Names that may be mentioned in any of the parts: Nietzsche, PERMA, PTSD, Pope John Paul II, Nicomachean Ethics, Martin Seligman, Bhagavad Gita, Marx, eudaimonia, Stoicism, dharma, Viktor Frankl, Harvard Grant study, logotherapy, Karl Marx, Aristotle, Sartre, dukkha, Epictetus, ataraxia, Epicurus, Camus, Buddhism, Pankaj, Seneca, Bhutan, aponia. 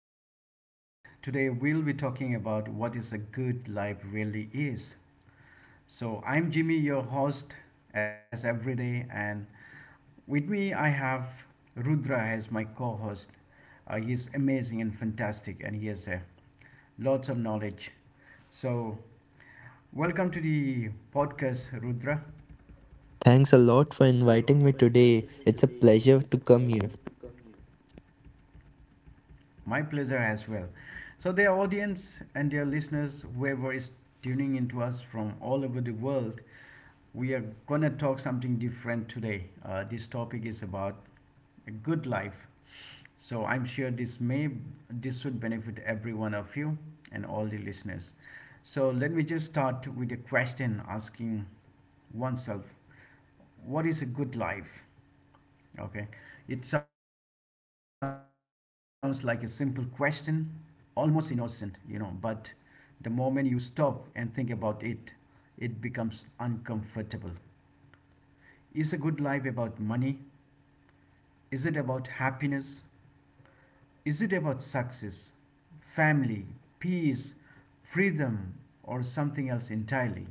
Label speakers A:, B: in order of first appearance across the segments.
A: this podcast. Today we'll be talking about what is a good life really is. So I'm Jimmy, your host, as every day, and with me I have Rudra as my co-host. He is amazing and fantastic, and he has lots of knowledge. So welcome to the podcast, Rudra.
B: Thanks a lot for inviting me today. It's a pleasure to come here.
A: My pleasure as well. So, dear audience and dear listeners, whoever is tuning into us from all over the world, we are gonna talk something different today. This topic is about a good life. So, I'm sure this should benefit every one of you and all the listeners. So, let me just start with a question asking oneself, what is a good life? Okay, it sounds like a simple question, almost innocent, but the moment you stop and think about it, it becomes uncomfortable. Is a good life about money? Is it about happiness? Is it about success, family, peace, freedom, or something else entirely?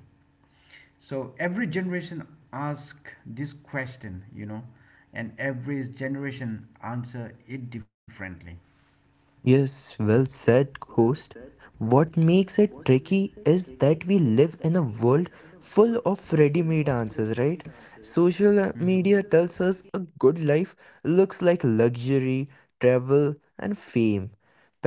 A: So every generation asks this question, and every generation answer it differently.
B: Yes, well said, host. What makes it tricky is that we live in a world full of ready made answers, right?
A: Hmm?
B: Social media tells us a good life looks like luxury, travel, and fame.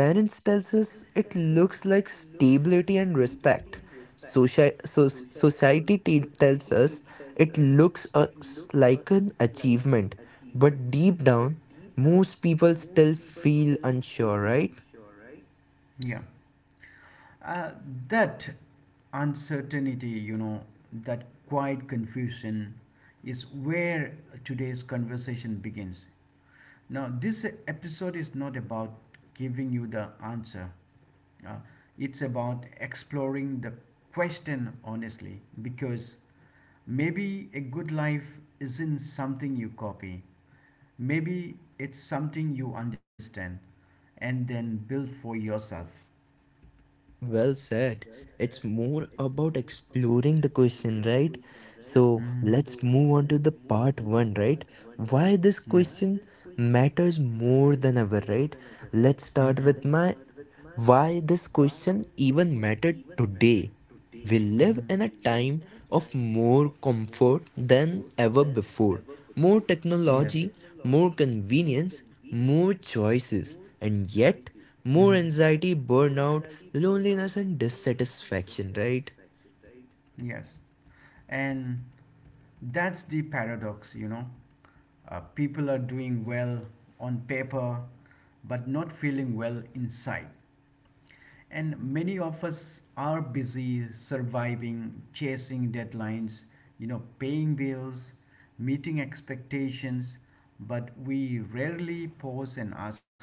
B: Parents tells us it looks like stability and respect. Society tells us it looks us like an achievement. But deep down, most people still feel unsure, right?
A: Yeah. Uh, that uncertainty, that quiet confusion is where today's conversation begins. Now, this episode is not about giving you the answer, uh, it's about exploring the question honestly, because maybe a good life isn't something you copy, maybe it's something you understand and then build for yourself.
B: Well said. It's more about exploring the question, right? So
A: Mhm,
B: let's move on to the part one, right? Why this question matters more than ever, right? Let's start with my why this question even mattered today. We live in
A: mhm.
B: a time of more comfort than ever before, more technology, more convenience, more choices, and yet more anxiety, burnout, loneliness, and dissatisfaction, right?
A: Yes. And that's the paradox. People are doing well on paper, but not feeling well inside. And many of us are busy surviving, chasing deadlines, paying bills, meeting expectations, but we rarely pause and ask,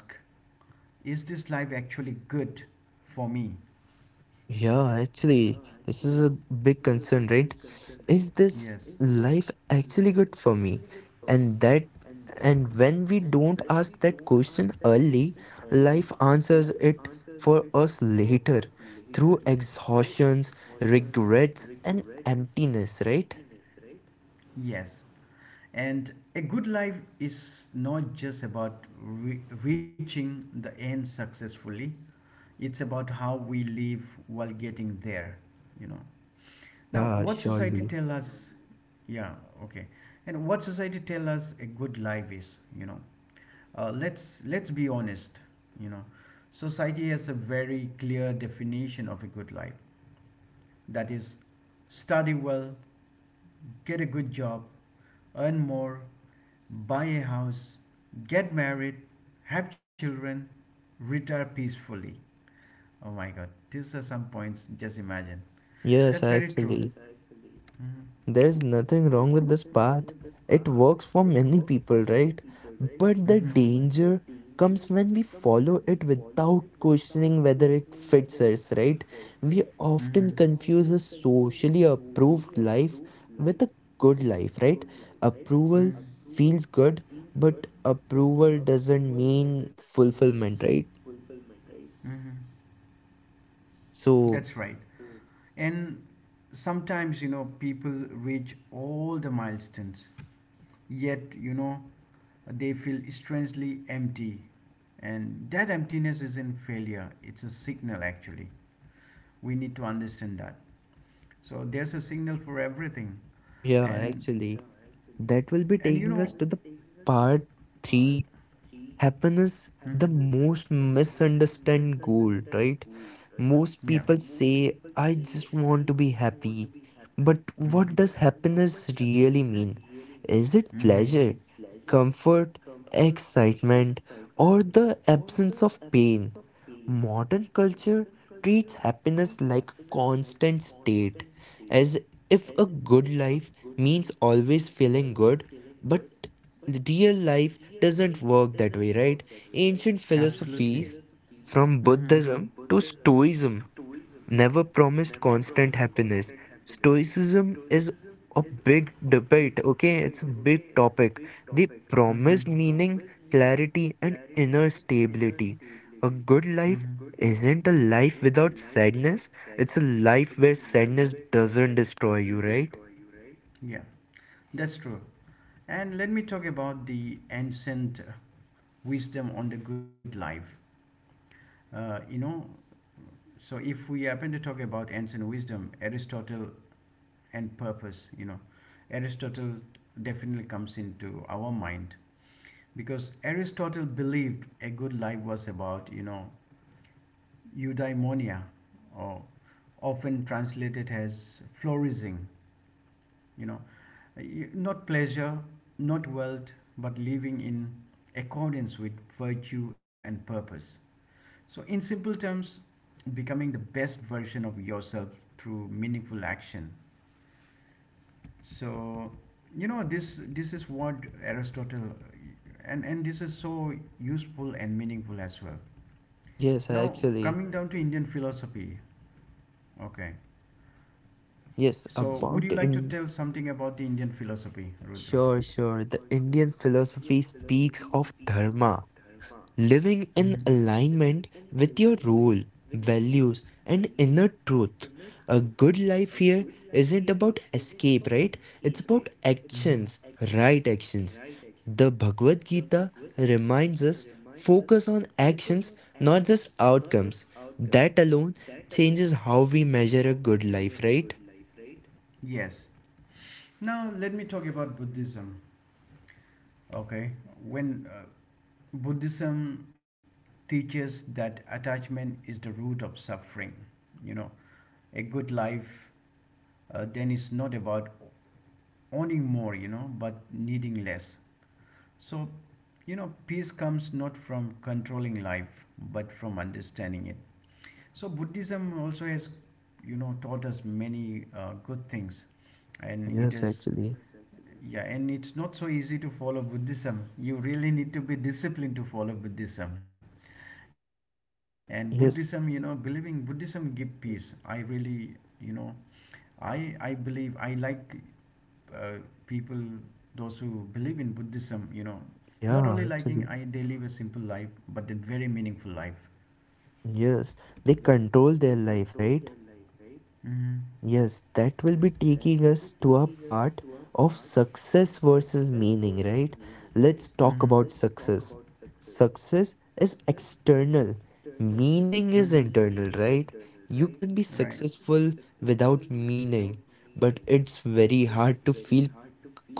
A: is this life actually good for me?
B: Yeah, actually, this is a big concern, right? Is this
A: Yes.
B: life actually good for me? And that, and when we don't ask that question early, life answers it for us later through exhaustions, regrets, and emptiness, right?
A: Yes. And a good life is not just about reaching the end successfully, it's about how we live while getting there, you know. Now,
B: Yeah,
A: what society,
B: surely.
A: yeah, okay. And what society tell us a good life is. Let's be honest, you know. Society has a very clear definition of a good life. That is, study well, get a good job, earn more, buy a house, get married, have children, retire peacefully. Oh my god, these are some points, just imagine. That's
B: Yes,
A: very.
B: actually.
A: Mm-hmm,
B: There's nothing wrong with this path. It works for many people, right? But the
A: mm-hmm,
B: danger comes when we follow it without questioning whether it fits us, right? We often confuse a socially approved life with a good life, right? Approval feels good, but approval doesn't mean fulfillment, right?
A: mm-hmm.
B: So,
A: That's right. And sometimes, people reach all the milestones, yet, they feel strangely empty. And that emptiness isn't failure, it's a signal actually. We need to understand that, so there's a signal for everything.
B: yeah,
A: And
B: actually, that will be taking us to the part three. Happiness, the most misunderstood goal, right? Most
A: yeah.
B: people say, I just want to be happy. But
A: Mm,
B: what does happiness really mean? Is it
A: mhm,
B: pleasure, comfort, excitement, or the absence of pain? Modern culture treats happiness like a constant state, as if a good life means always feeling good, but real life doesn't work that way, right? Ancient philosophies
A: mhm.
B: from Buddhism to Stoicism never promised constant happiness. Stoicism is a big debate, okay? It's a big topic. They promised meaning, clarity, and inner stability. A good life isn't a life without sadness, it's a life where sadness doesn't destroy you, right?
A: Yeah, that's true. And let me talk about the ancient wisdom on the good life uh, you know so if we happen to talk about ancient wisdom, Aristotle and purpose, Aristotle definitely comes into our mind, because Aristotle believed a good life was about, eudaimonia, or often translated as flourishing, you know, not pleasure, not wealth, but living in accordance with virtue and purpose. So, in simple terms, becoming the best version of yourself through meaningful action. So, this is what Aristotle, and this is so useful and meaningful as well.
B: Yes,
A: Now,
B: actually.
A: philosophy. Okay.
B: Yes,
A: So, would you
B: about
A: like to
B: in.
A: tell something about the Indian philosophy, Rudra?
B: Sure, sure. The Indian philosophy speaks of dharma, living
A: Mhm.
B: in alignment with your role, values, and inner truth. A good life here isn't about escape, right? It's about actions, right actions. The Bhagavad Gita reminds us focus on actions, not just outcomes. That alone changes how we measure a good life, right?
A: Yes. Now, let me talk about Buddhism. Okay. When Buddhism teaches that attachment is the root of suffering, you know, a good life then is not about owning more, but needing less. So, peace comes not from controlling life, but from understanding it. So Buddhism also has taught us many good things, and it
B: Yes,
A: is.
B: actually.
A: Yeah. And it's not so easy to follow Buddhism. You really need to be disciplined to follow Buddhism, and Buddhism, believing
B: Yes.
A: Buddhism give peace. I really, you know, I believe I like uh, people those who believe in Buddhism. Not only liking,
B: Yeah,
A: I they
B: actually.
A: live a simple life, but a very meaningful life.
B: Yes, they control their life, right?
A: Hmm.
B: Yes, that will be taking us to a part of success versus meaning, right? Let's talk about success. Success is external, meaning is internal, right? You can be
A: Right.
B: successful without meaning, but it's very hard to feel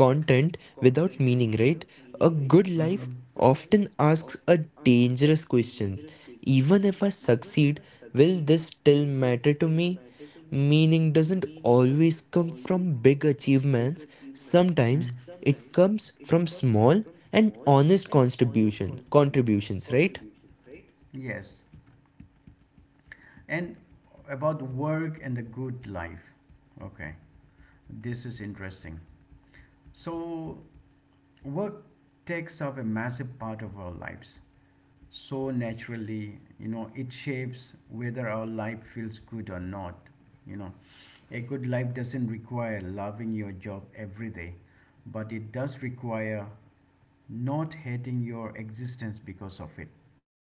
B: content without meaning, right? A good life often asks a dangerous questions. Even if I succeed, will this still matter to me? Meaning doesn't always come from big achievements. Sometimes it comes from small and honest contributions, right?
A: Yes. And about work and the good life. Okay. This is interesting. So, work takes up a massive part of our lives. So, naturally, it shapes whether our life feels good or not. You know, a good life doesn't require loving your job every day, but it does require not hating your existence because of it.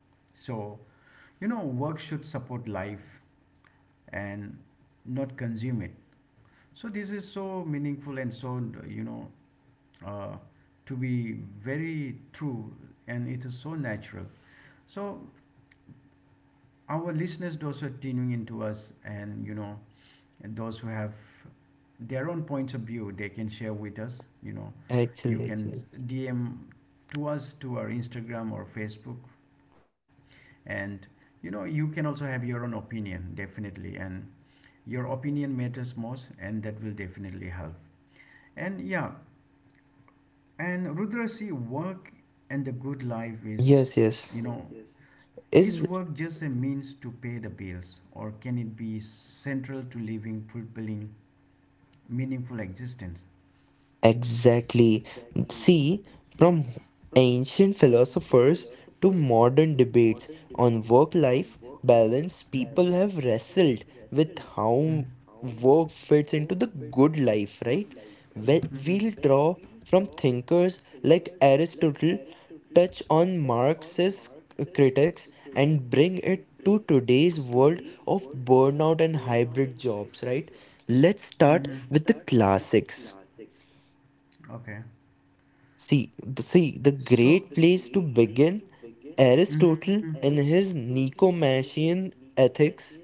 A: So, work should support life, and not consume it. So this is so meaningful, and so you know uh, to be very true, and it is so natural. So our listeners, those who are tuning into us and you know and those who have their own points of view, they can share with us. You
B: Actually,
A: can
B: actually.
A: DM to us to our Instagram or Facebook, and, you can also have your own opinion, definitely, and your opinion matters most, and that will definitely help. And yeah. And Rudra, see, work and the good life is
B: Yes, yes.
A: is
B: Is.
A: work just means to pay the bills, or can it be central to living fulfilling, meaningful existence?
B: Exactly. See, from ancient philosophers to modern debates on work life balance, people have wrestled with how work fits into the good life, right? We'll
A: Mm-hmm.
B: draw from thinkers like Aristotle, touch on Marx's critics, and bring it to today's world of burnout and hybrid jobs, right? Let's start with the classics.
A: Okay.
B: See, the great place to begin.
A: Mm-hmm.
B: Aristotle, in his Nicomachean Ethics,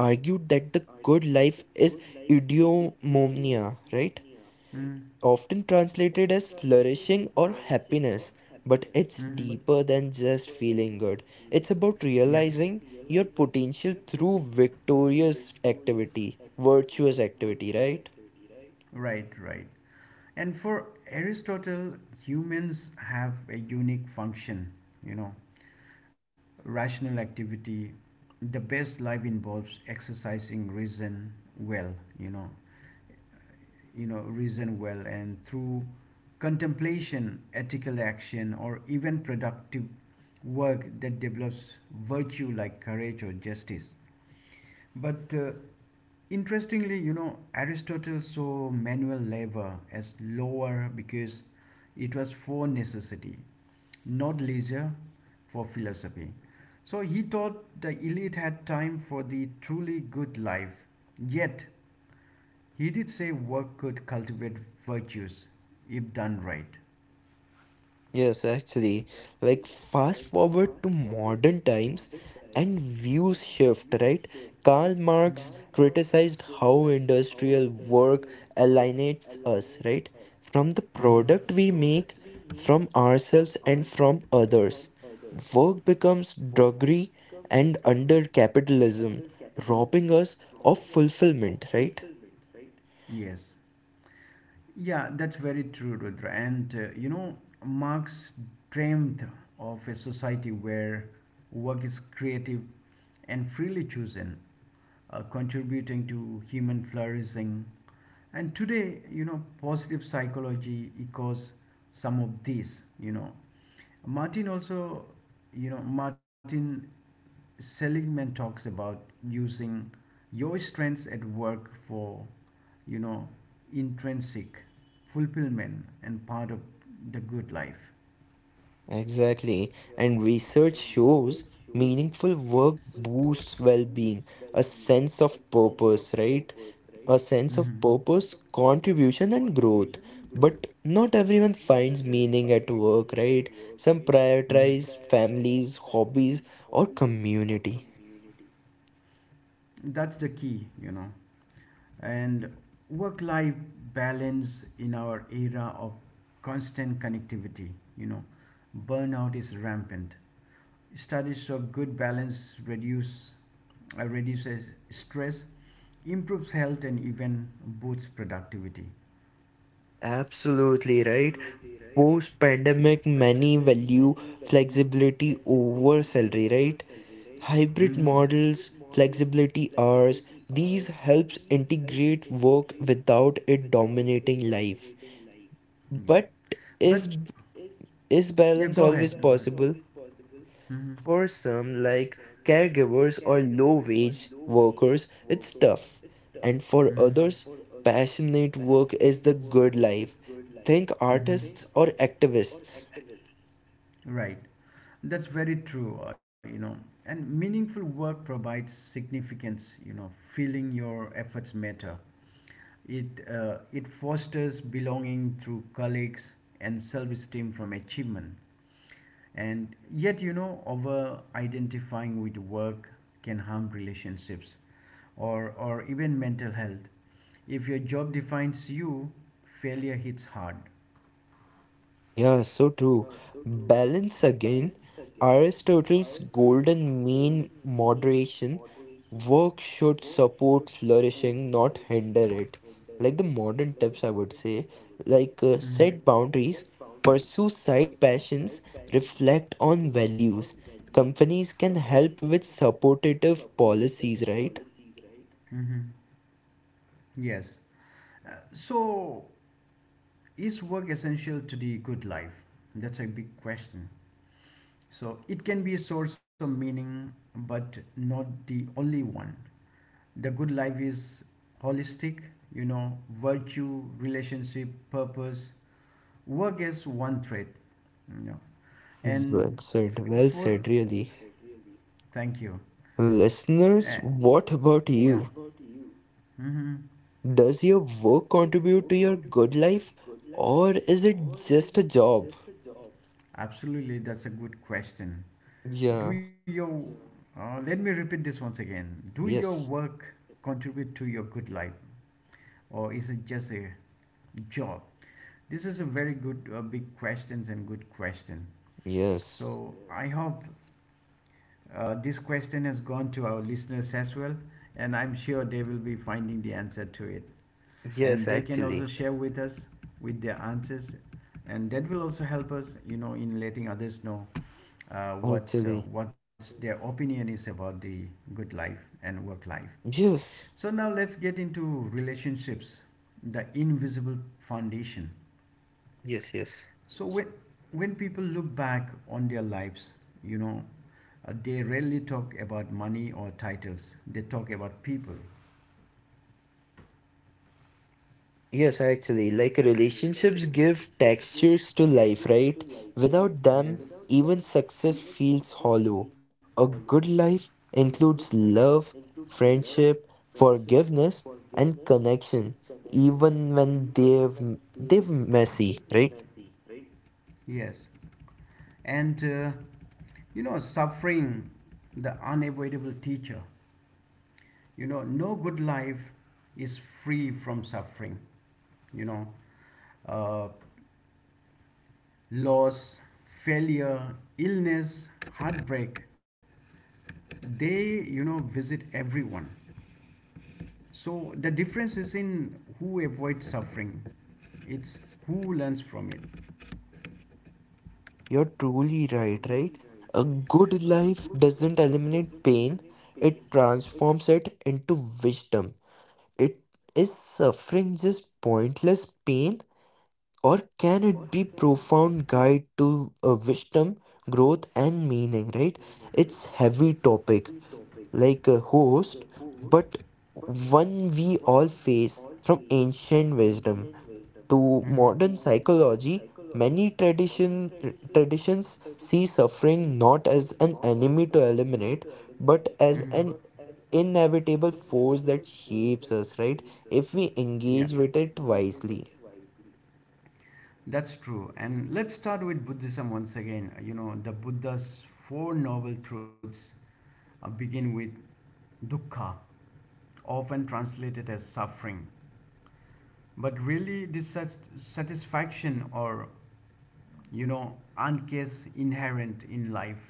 B: argued that the good life is eudaimonia, right? Often translated as flourishing or happiness, but it's
A: Mm-hmm.
B: deeper than just feeling good. It's about realizing your potential through virtuous activity, right?
A: Right, right. And for Aristotle, humans have a unique function, you know, rational activity. The best life involves exercising reason well, you know, you know, reason well, and through contemplation, ethical action, or even productive work that develops virtue like courage or justice. But interestingly, Aristotle saw manual labor as lower because it was for necessity, not leisure for philosophy. So he thought the elite had time for the truly good life. Yet, he did say work could cultivate virtues if done right.
B: Yes, actually, like fast forward to modern times and views shift, right? Karl Marx criticized how industrial work alienates us, right? From the product we make, from ourselves, and from others. Work becomes drudgery and under capitalism, robbing us of fulfillment, right?
A: Yes. Yeah, that's very true, Rudra. And Marx dreamed of a society where work is creative and freely chosen, contributing to human flourishing. And today, positive psychology echoes some of this. Martin also, Martin Seligman talks about using your strengths at work for, you know, intrinsic fulfillment and part of the good life.
B: Exactly. And research shows meaningful work boosts well-being, a sense of purpose, right?
A: Mhm.
B: A sense of purpose, contribution, and growth. But not everyone finds meaning at work, right? Some prioritize families, hobbies, or community.
A: That's the key. And work life balance in our era of constant connectivity, you know, burnout is rampant. Studies show good balance reduces stress, improves health, and even boosts productivity.
B: Absolutely right. Post-pandemic, many value flexibility over salary, right? Hybrid
A: Hmm.
B: models, flexibility hours, these helps integrate work without it dominating life.
A: Yeah.
B: But is is
A: Yeah.
B: balance always possible?
A: Hmm.
B: For some like caregivers or low wage workers, it's tough. And for
A: Hmm.
B: others, passionate work is the good life. Think artists or activists.
A: Right. That's very true. And meaningful work provides significance, feeling your efforts matter. It fosters belonging through colleagues and self esteem from achievement. And yet, over identifying with work can harm relationships or even mental health. If your job defines you, failure hits hard.
B: Yeah, so true. Balance again. Aristotle's golden mean moderation. Work should support flourishing, not hinder it. Like the modern tips, I would say, like set boundaries, pursue side passions, reflect on values. Companies can help with supportive policies, right?
A: Hmm. Yes. So, is work essential to the good life? That's a big question. So, it can be a source of meaning, but not the only one. The good life is holistic, virtue, relationship, purpose. Work is one thread, you know. And
B: Well said, really.
A: thank you.
B: Listeners, what about you?
A: Hmm.
B: Does your work contribute to your good life or is it just a job?
A: Absolutely, that's a good question. Do
B: Yeah,
A: you, Let me repeat this once again. Do your
B: yes,
A: work contribute to your good life, or is it just a job? This is a very big questions and good question.
B: yes,
A: So hope this question has gone to our listeners as well, and I'm sure they will be finding the answer to it. And
B: Yes,
A: they can also
B: actually.
A: share with us with their answers, and that will also help us, in letting others know
B: Actually,
A: what's their opinion is about the good life and work life.
B: yes.
A: So now let's get into relationships, the invisible foundation.
B: Yes, yes.
A: So when people look back on their lives, you know, they rarely talk about money or titles. They talk about people.
B: Yes, actually, like relationships give textures to life, right? Without them, even success feels hollow. A good life includes love, friendship, forgiveness, and connection, even when they've messy, right?
A: Yes, and suffering, the unavoidable teacher. No good life is free from suffering. You know, uh, Loss, failure, illness, heartbreak. They, visit everyone. So the difference is in who avoids suffering. It's who learns from it.
B: You're truly right, right? A good life doesn't eliminate pain, it transforms it into wisdom. It is suffering just pointless pain? Or can it be profound guide to wisdom, growth, and meaning? Right? It's heavy topic like a host, but one we all face from ancient wisdom to
A: Mhm,
B: modern psychology. Many traditions see suffering not as an enemy to eliminate, but as
A: mhm.
B: an inevitable force that shapes us. Right? If we engage with it wisely.
A: That's true. And let's start with Buddhism once again. The Buddha's four noble truths begin with dukkha, often translated as suffering, but really dissatisfaction or uncase inherent in life: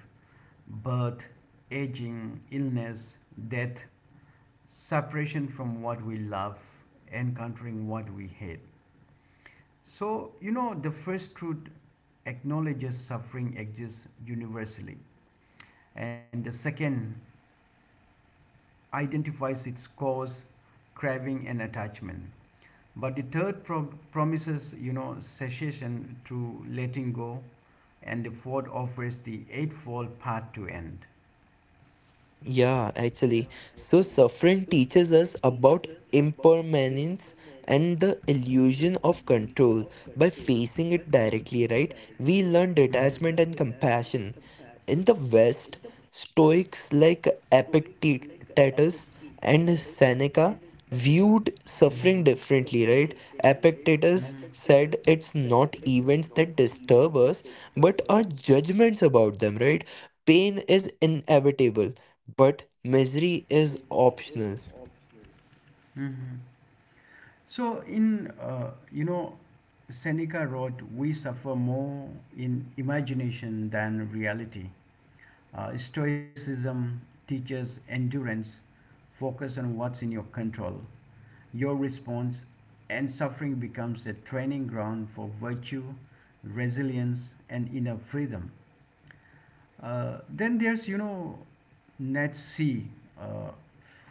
A: birth, aging, illness, death, separation from what we love, encountering what we hate. So, the first truth acknowledges suffering exists universally, and the second identifies its cause, craving, and attachment. But the third promises, cessation through letting go, and the fourth offers the eightfold path to end.
B: Yeah, actually. So suffering teaches us about impermanence and the illusion of control by facing it directly, right? We learn detachment and compassion. In the West, Stoics like Epictetus and Seneca viewed suffering differently, right? Epictetus said it's not events that disturb us, but our judgments about them, right? Pain is inevitable but misery is optional.
A: Mhm. So in Seneca wrote, "We suffer more in imagination than reality." Stoicism teaches endurance. Focus on what's in your control. Your response and suffering becomes a training ground for virtue, resilience, and inner freedom. Then there's Nietzsche, uh,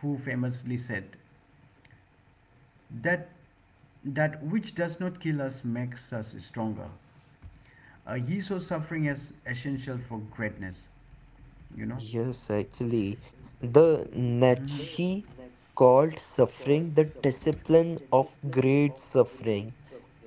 A: who famously said that that which does not kill us makes us stronger. He saw suffering as essential for greatness. You know,
B: Yes, actually, the Nietzsche called suffering the discipline of great suffering.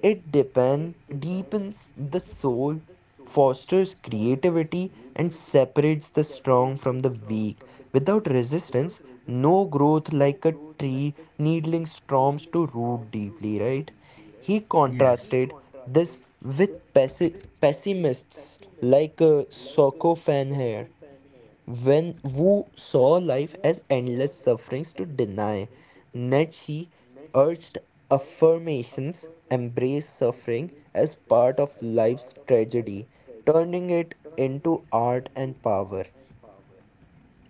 B: It deepens the soul, fosters creativity, and separates the strong from the weak. Without resistance, no growth like a tree needling storms to root deeply, right? He
A: yeah,
B: contrasted this with pessimists like Soko Fan here when Wu saw life as endless sufferings to deny, Nietzsche urged affirmations, embrace suffering as part of life's tragedy, turning it into art and power.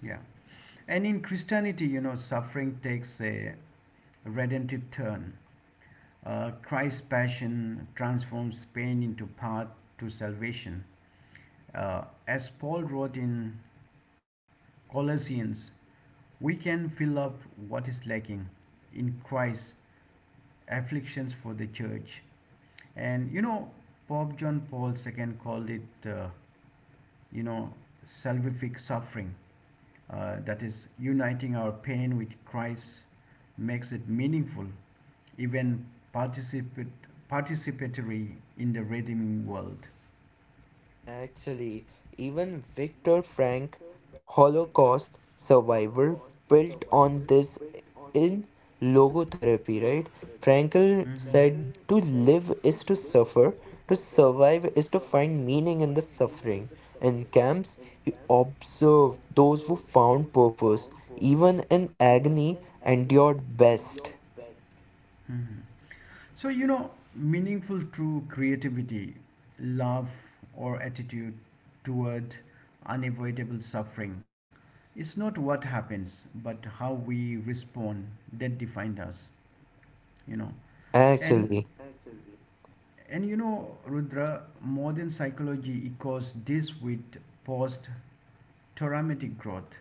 A: yeah. And in Christianity, suffering takes a redemptive turn. Christ's passion transforms pain into path to salvation. Uh, as Paul wrote in Colossians, we can fill up what is lacking in Christ's afflictions for the church. And you know, Pope John Paul II called it, you know, salvific suffering. That is, uniting our pain with Christ makes it meaningful, even participate, participatory in the redeeming world.
B: Actually, even Viktor Frank, Holocaust survivor, built on this in logotherapy, right? Frankl said to live is to suffer, to survive is to find meaning in the suffering. In camps, he observed those who found purpose, even in agony, endured best.
A: Mhm. Meaningful true creativity, love, or attitude toward unavoidable suffering is not what happens, but how we respond that defined us, you know. And
B: Actually.
A: Rudra, modern psychology echoes this with post traumatic growth.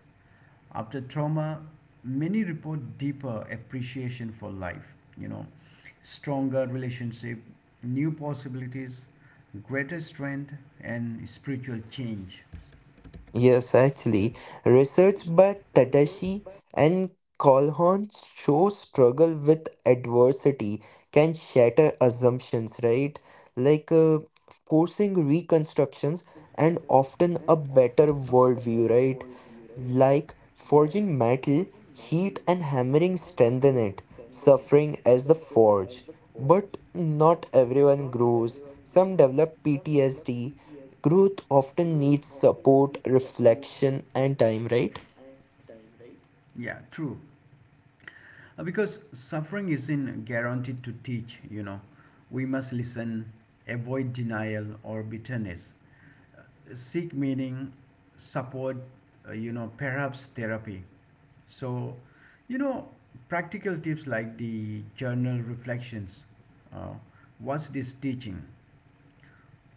A: After trauma, many report deeper appreciation for life, you know, stronger relationship, new possibilities, greater strength, and spiritual change.
B: Yes, actually, research by Tadashi and Colhorn show struggle with adversity can shatter assumptions, right? Like forcing reconstructions and often a better worldview, right? Like forging metal, heat and hammering strengthen it, suffering as the forge. But not everyone grows. Some develop PTSD. Growth often needs support, reflection, and time, right?
A: Yeah, true. Because suffering isn't guaranteed to teach. We must listen, avoid denial or bitterness, uh, seek meaning, support, perhaps therapy. So, you know, practical tips like the journal reflections. Uh, what's this teaching?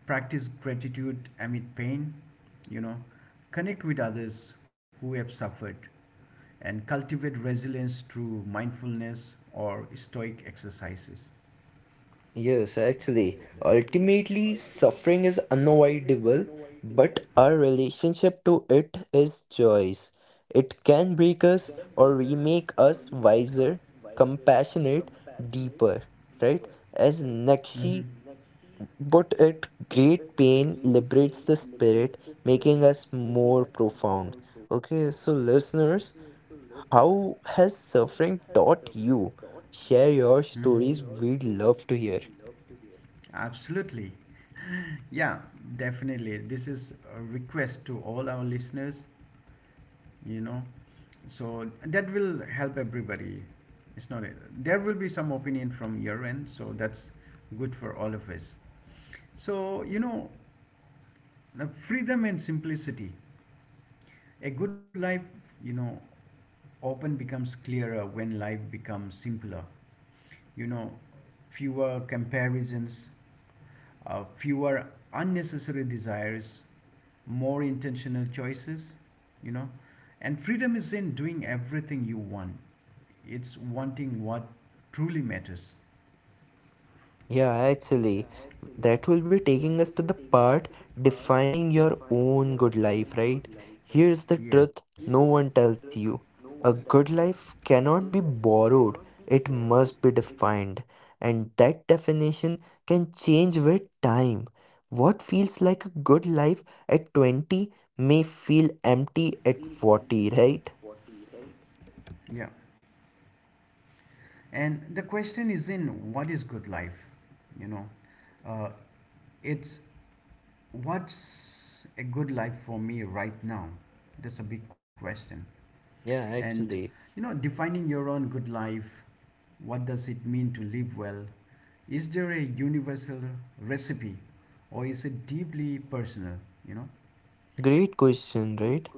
A: Practice gratitude amid pain, you know, connect with others who have suffered, and cultivate resilience through mindfulness or stoic exercises.
B: Yes, actually. Ultimately, suffering is unavoidable, but our relationship to it is choice. It can break us or remake us wiser, compassionate, deeper, right? As Nakshi put it, great pain liberates the spirit, making us more profound. Okay, so listeners, how has suffering taught you? Share your stories, we'd love to hear.
A: Absolutely. Yeah, definitely. This is a request to all our listeners, you know. So that will help everybody. It's not, There will be some opinion from your end, so that's good for all of us. So, you know, freedom and simplicity. A good life, you know, often becomes clearer when life becomes simpler. You know, fewer comparisons, fewer unnecessary desires, more intentional choices, you know. And freedom is in doing everything you want, it's wanting what truly matters.
B: Yeah, actually, that will be taking us to the part defining your own good life, right? Here's the
A: Yeah,
B: truth no one tells you. A good life cannot be borrowed, it must be defined. And that definition can change with time. What feels like a good life at 20 may feel empty at 40, right?
A: yeah. And the question is in what is good life? You know, uh, it's what's a good life for me right now? That's a big question.
B: Yeah,
A: And
B: actually.
A: defining your own good life, what does it mean to live well? Is there a universal recipe or is it deeply personal? You know?
B: Great question, right?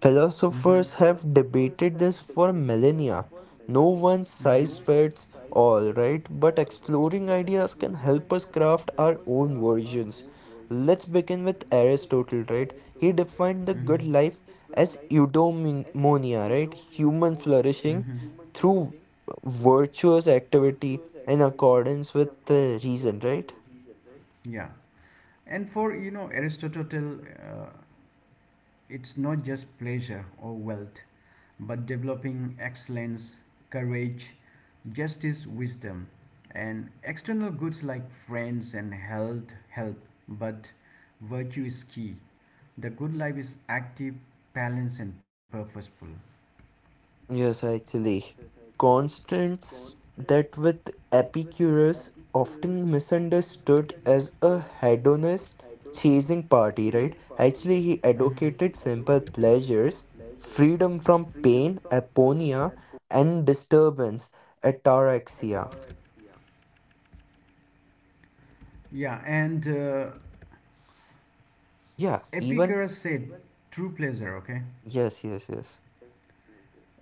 B: Philosophers
A: Mm-hmm.
B: have debated this for millennia. No one size fits all, right? But exploring ideas can help us craft our own versions. Let's begin with Aristotle, right? He defined the good life as eudaimonia, right? Human flourishing through virtuous activity in accordance with the reason, right?
A: Yeah. And for you know, Aristotle, uh, it's not just pleasure or wealth, but developing excellence, courage, justice, wisdom. And external goods like friends and health help, but virtue is key. The good life is active, balanced, and purposeful.
B: Yes, actually. Constants that with Epicurus often misunderstood as a hedonist chasing party, right? Actually, he advocated simple pleasures, freedom from pain, aponia, and disturbance, ataraxia.
A: Yeah, and
B: Yeah, even
A: Epicurus said true pleasure, okay?
B: yes, yes, yes.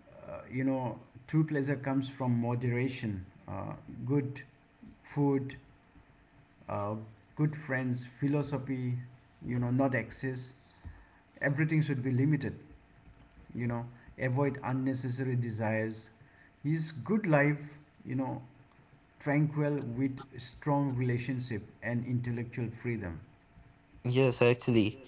A: Uh, you know, true pleasure comes from moderation, good food, uh, good friends, philosophy, not excess. Everything should be limited, you know, avoid unnecessary desires. Is good life, you know, tranquil with strong relationship and intellectual freedom.
B: Yes, actually.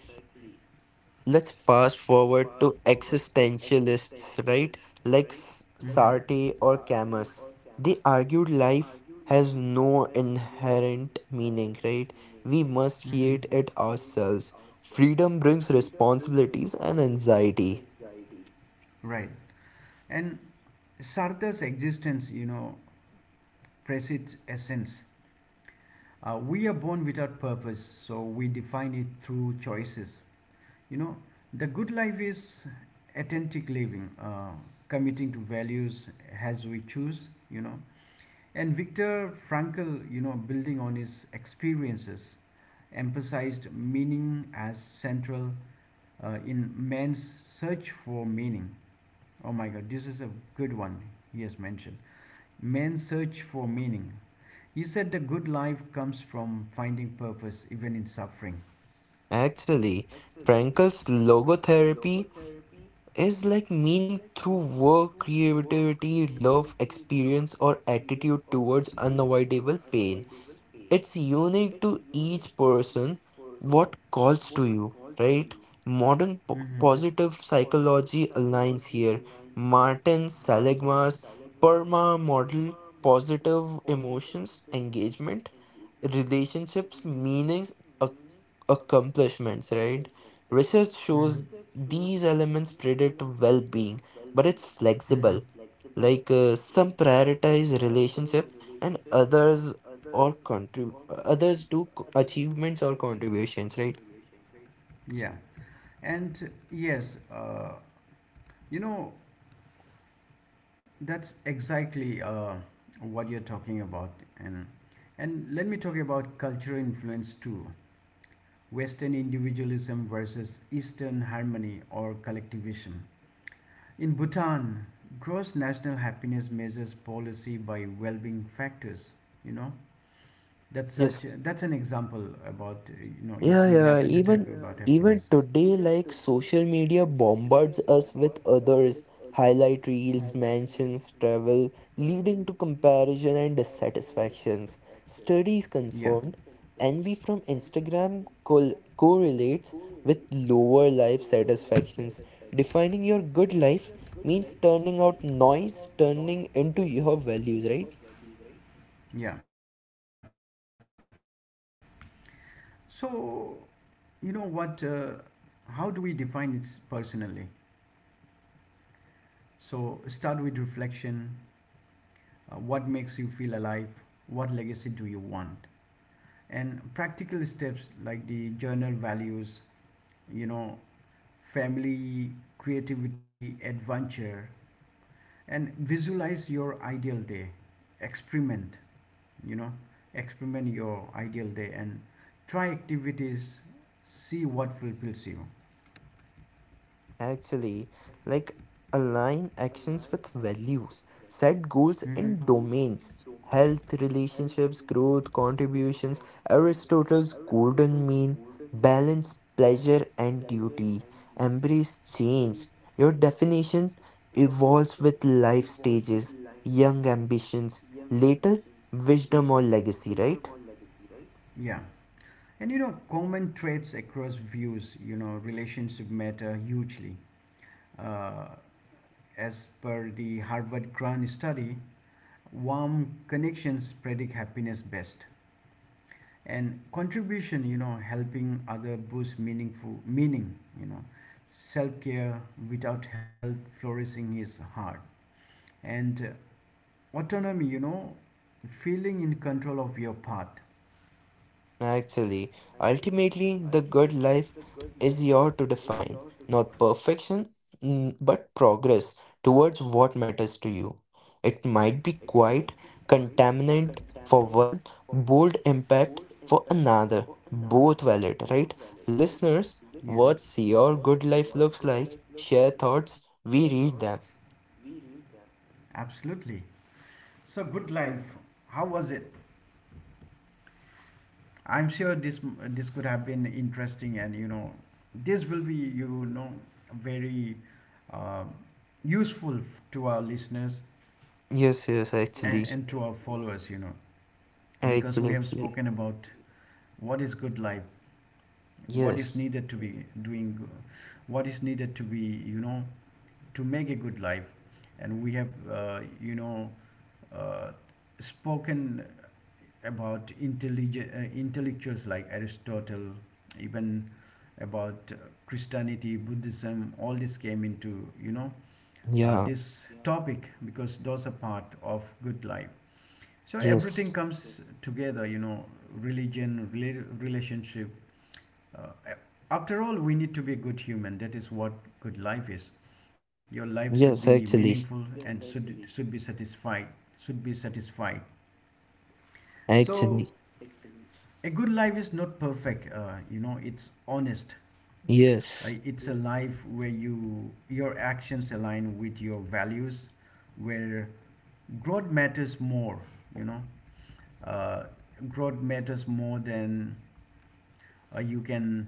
B: Let's fast forward to existentialists, right? Like Sartre or Camus. They argued life has no inherent meaning, right?
A: Mm.
B: We must create it ourselves. Freedom brings responsibilities and anxiety.
A: Right. And Sartre's existence, precedes essence. We are born without purpose, so we define it through choices. you know the good life is authentic living, committing to values as we choose. And Viktor Frankl, building on his experiences, emphasized meaning as central, in Man's Search for Meaning. Oh my god, this is a good one. He has mentioned Man's Search for Meaning. He said the good life comes from finding purpose even in suffering.
B: Actually, Frankel's logotherapy is like meaning through work, creativity, love, experience, or attitude towards unavoidable pain. It's unique to each person, what calls to you, right? Modern positive psychology aligns here. Martin Seligman's PERMA model: positive emotions, engagement, relationships, meanings, ac- accomplishments, right? Research
A: Mm.
B: shows these elements predict well being, but it's flexible. Like some prioritize relationships and others or others do achievements or contributions, right?
A: Yeah and uh, yes uh, you know That's exactly what you're talking about, and let me talk about cultural influence too. Western individualism versus Eastern harmony or collectivism. In Bhutan, gross national happiness measures policy by well-being factors. You know that's such
B: Yes.
A: that's an example about, if
B: Yeah,
A: we
B: yeah.
A: happen
B: Even
A: to
B: today, like social media bombards us with others, highlight reels, mansions, travel, leading to comparison and dissatisfactions. Studies confirmed envy from Instagram col correlates with lower life satisfactions. Defining your good life means turning out noise, turning into your values, right?
A: yeah. So you know what? How do we define it personally? So start with reflection. What makes you feel alive? What legacy do you want? And practical steps like the journal values, you know, family, creativity, adventure, and visualize your ideal day. Experiment, you know, Experiment your ideal day and try activities, see what fulfills you.
B: Actually, like align actions with values, set goals in domains, health, relationships, growth, contributions, Aristotle's golden mean, balance pleasure and duty, embrace change. Your definitions evolves with life stages, young ambitions, later wisdom or legacy, right?
A: Yeah. Common traits across views, relationship matter hugely. Uh, as per the Harvard Grant study, warm connections predict happiness best. And contribution, helping other boosts meaningful meaning, self care without health flourishing is hard. And autonomy, feeling in control of your path.
B: Actually, ultimately, the good life is yours to define, not perfection, mm, but progress towards what matters to you. It might be quite contaminant for one, bold impact for another. Both valid, right? Listeners, what's your good life looks like? Share thoughts. We read them.
A: Absolutely. So, good life. How was it? I'm sure this could have been interesting, and this will be very uh, useful to our listeners,
B: Yes, yes, actually.
A: to our followers, because
B: Actually,
A: we have
B: actually.
A: spoken what is good life, what is
B: Yes.
A: needed to be doing, what is needed to be to make a good life. And we have, uh, spoken about intelligent, intellectuals like Aristotle, even about Christianity, Buddhism, all this came into,
B: Yeah.
A: this topic because those are part of good life. So everything
B: Yes.
A: comes together, religion, relationship, uh, after all we need to be a good human. That is what good life is. Your life should be
B: Yes,
A: meaningful,
B: actually.
A: should be satisfied, should be satisfied so
B: Actually.
A: a good life is not perfect, it's honest,
B: Yes.
A: it's a life where your actions align with your values, where growth matters more, you know uh, growth matters more than you can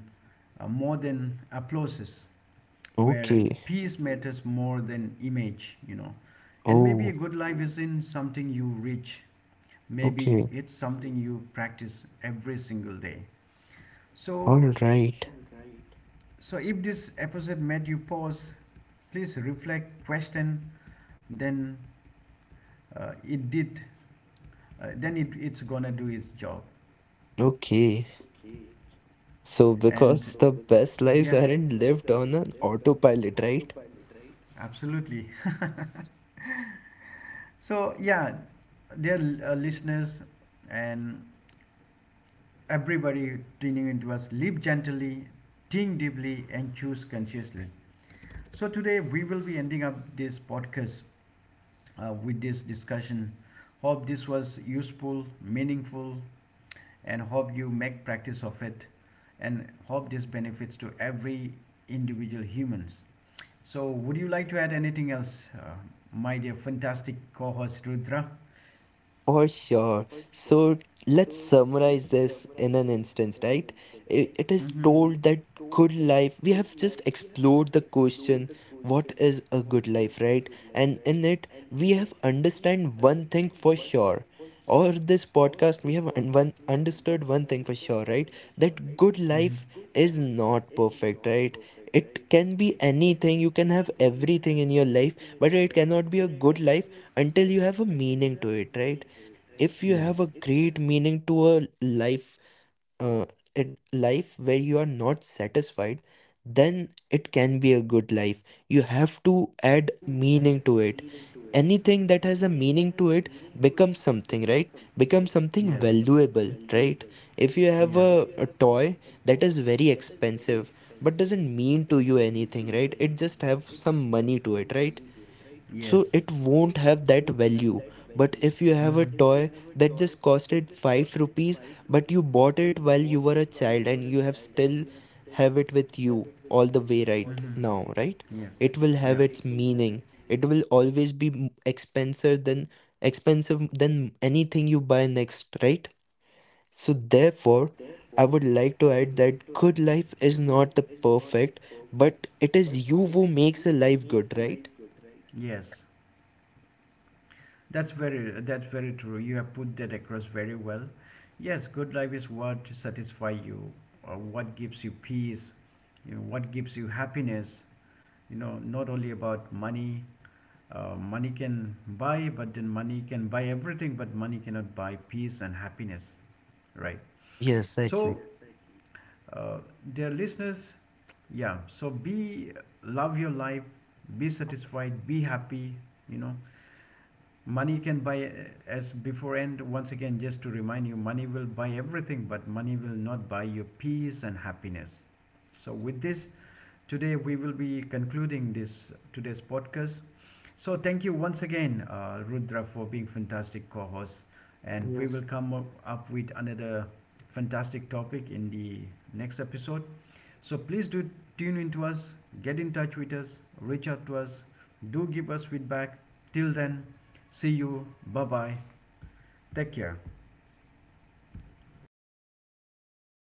A: more than applauses, where
B: Okay.
A: peace matters more than image. And maybe a
B: Oh,
A: good life isn't something you reach. Maybe
B: okay.
A: it's something you practice every single day.
B: All
A: So
B: right.
A: if this episode made you pause, please reflect, question, then it did, then it's gonna do its job.
B: Okay. So,
A: And
B: because the best lives aren't lived on an autopilot, right?
A: absolutely. So yeah, dear listeners and everybody tuning into us. Live gently, think deeply, and choose consciously. So today we will be ending up this podcast with this discussion. Hope this was useful, meaningful, and hope you make practice of it, and hope this benefits to every individual humans. So would you like to add anything else, my dear fantastic co-host Rudra?
B: For sure. So let's summarize this in an instance, right? It is told that good life, we have just explored the question, what is a good life, right? And in it, we have understand one thing for sure. Or this podcast, we have un- one understood one thing for sure, right? That good life is not perfect, right? It can be anything. You can have everything in your life, but it cannot be a good life until you have a meaning to it, right? If you have
A: Yes.
B: a great meaning to a life, uh, in life where you are not satisfied, then it can be a good life. You have to add meaning to it. Anything that has a meaning to it becomes something, right? Becomes something valuable, right? If you have
A: Yes.
B: a toy that is very expensive but doesn't mean to you anything, right? It just have some money to it, right? So
A: Yes.
B: it won't have that value. But if you have a toy that just costed 5 rupees, but you bought it while you were a child and you have it with you all the way right now, right?
A: Yes.
B: It will have
A: Yeah.
B: its meaning. It will always be expensive than anything you buy next, right? So therefore, I would like to add that good life is not the perfect, but it is you who makes a life good, right?
A: Yes. That's very true. You have put that across very well. Yes, good life is what satisfies you, or what gives you peace, what gives you happiness. Not only about money. Money can buy, but then money can buy everything, but money cannot buy peace and happiness, right?
B: Yes, actually.
A: So, uh, dear listeners, yeah. So be love your life, be satisfied, be happy. You know, money can buy, as before and once again just to remind you, money will buy everything but money will not buy your peace and happiness. So with this, today we will be concluding this today's podcast. So thank you once again, Rudra, for being fantastic co-host, and we will
B: Yes.
A: come up, up with another fantastic topic in the next episode. So please do tune into us, get in touch with us, reach out to us, do give us feedback. Till then, see you. Bye bye. Take care.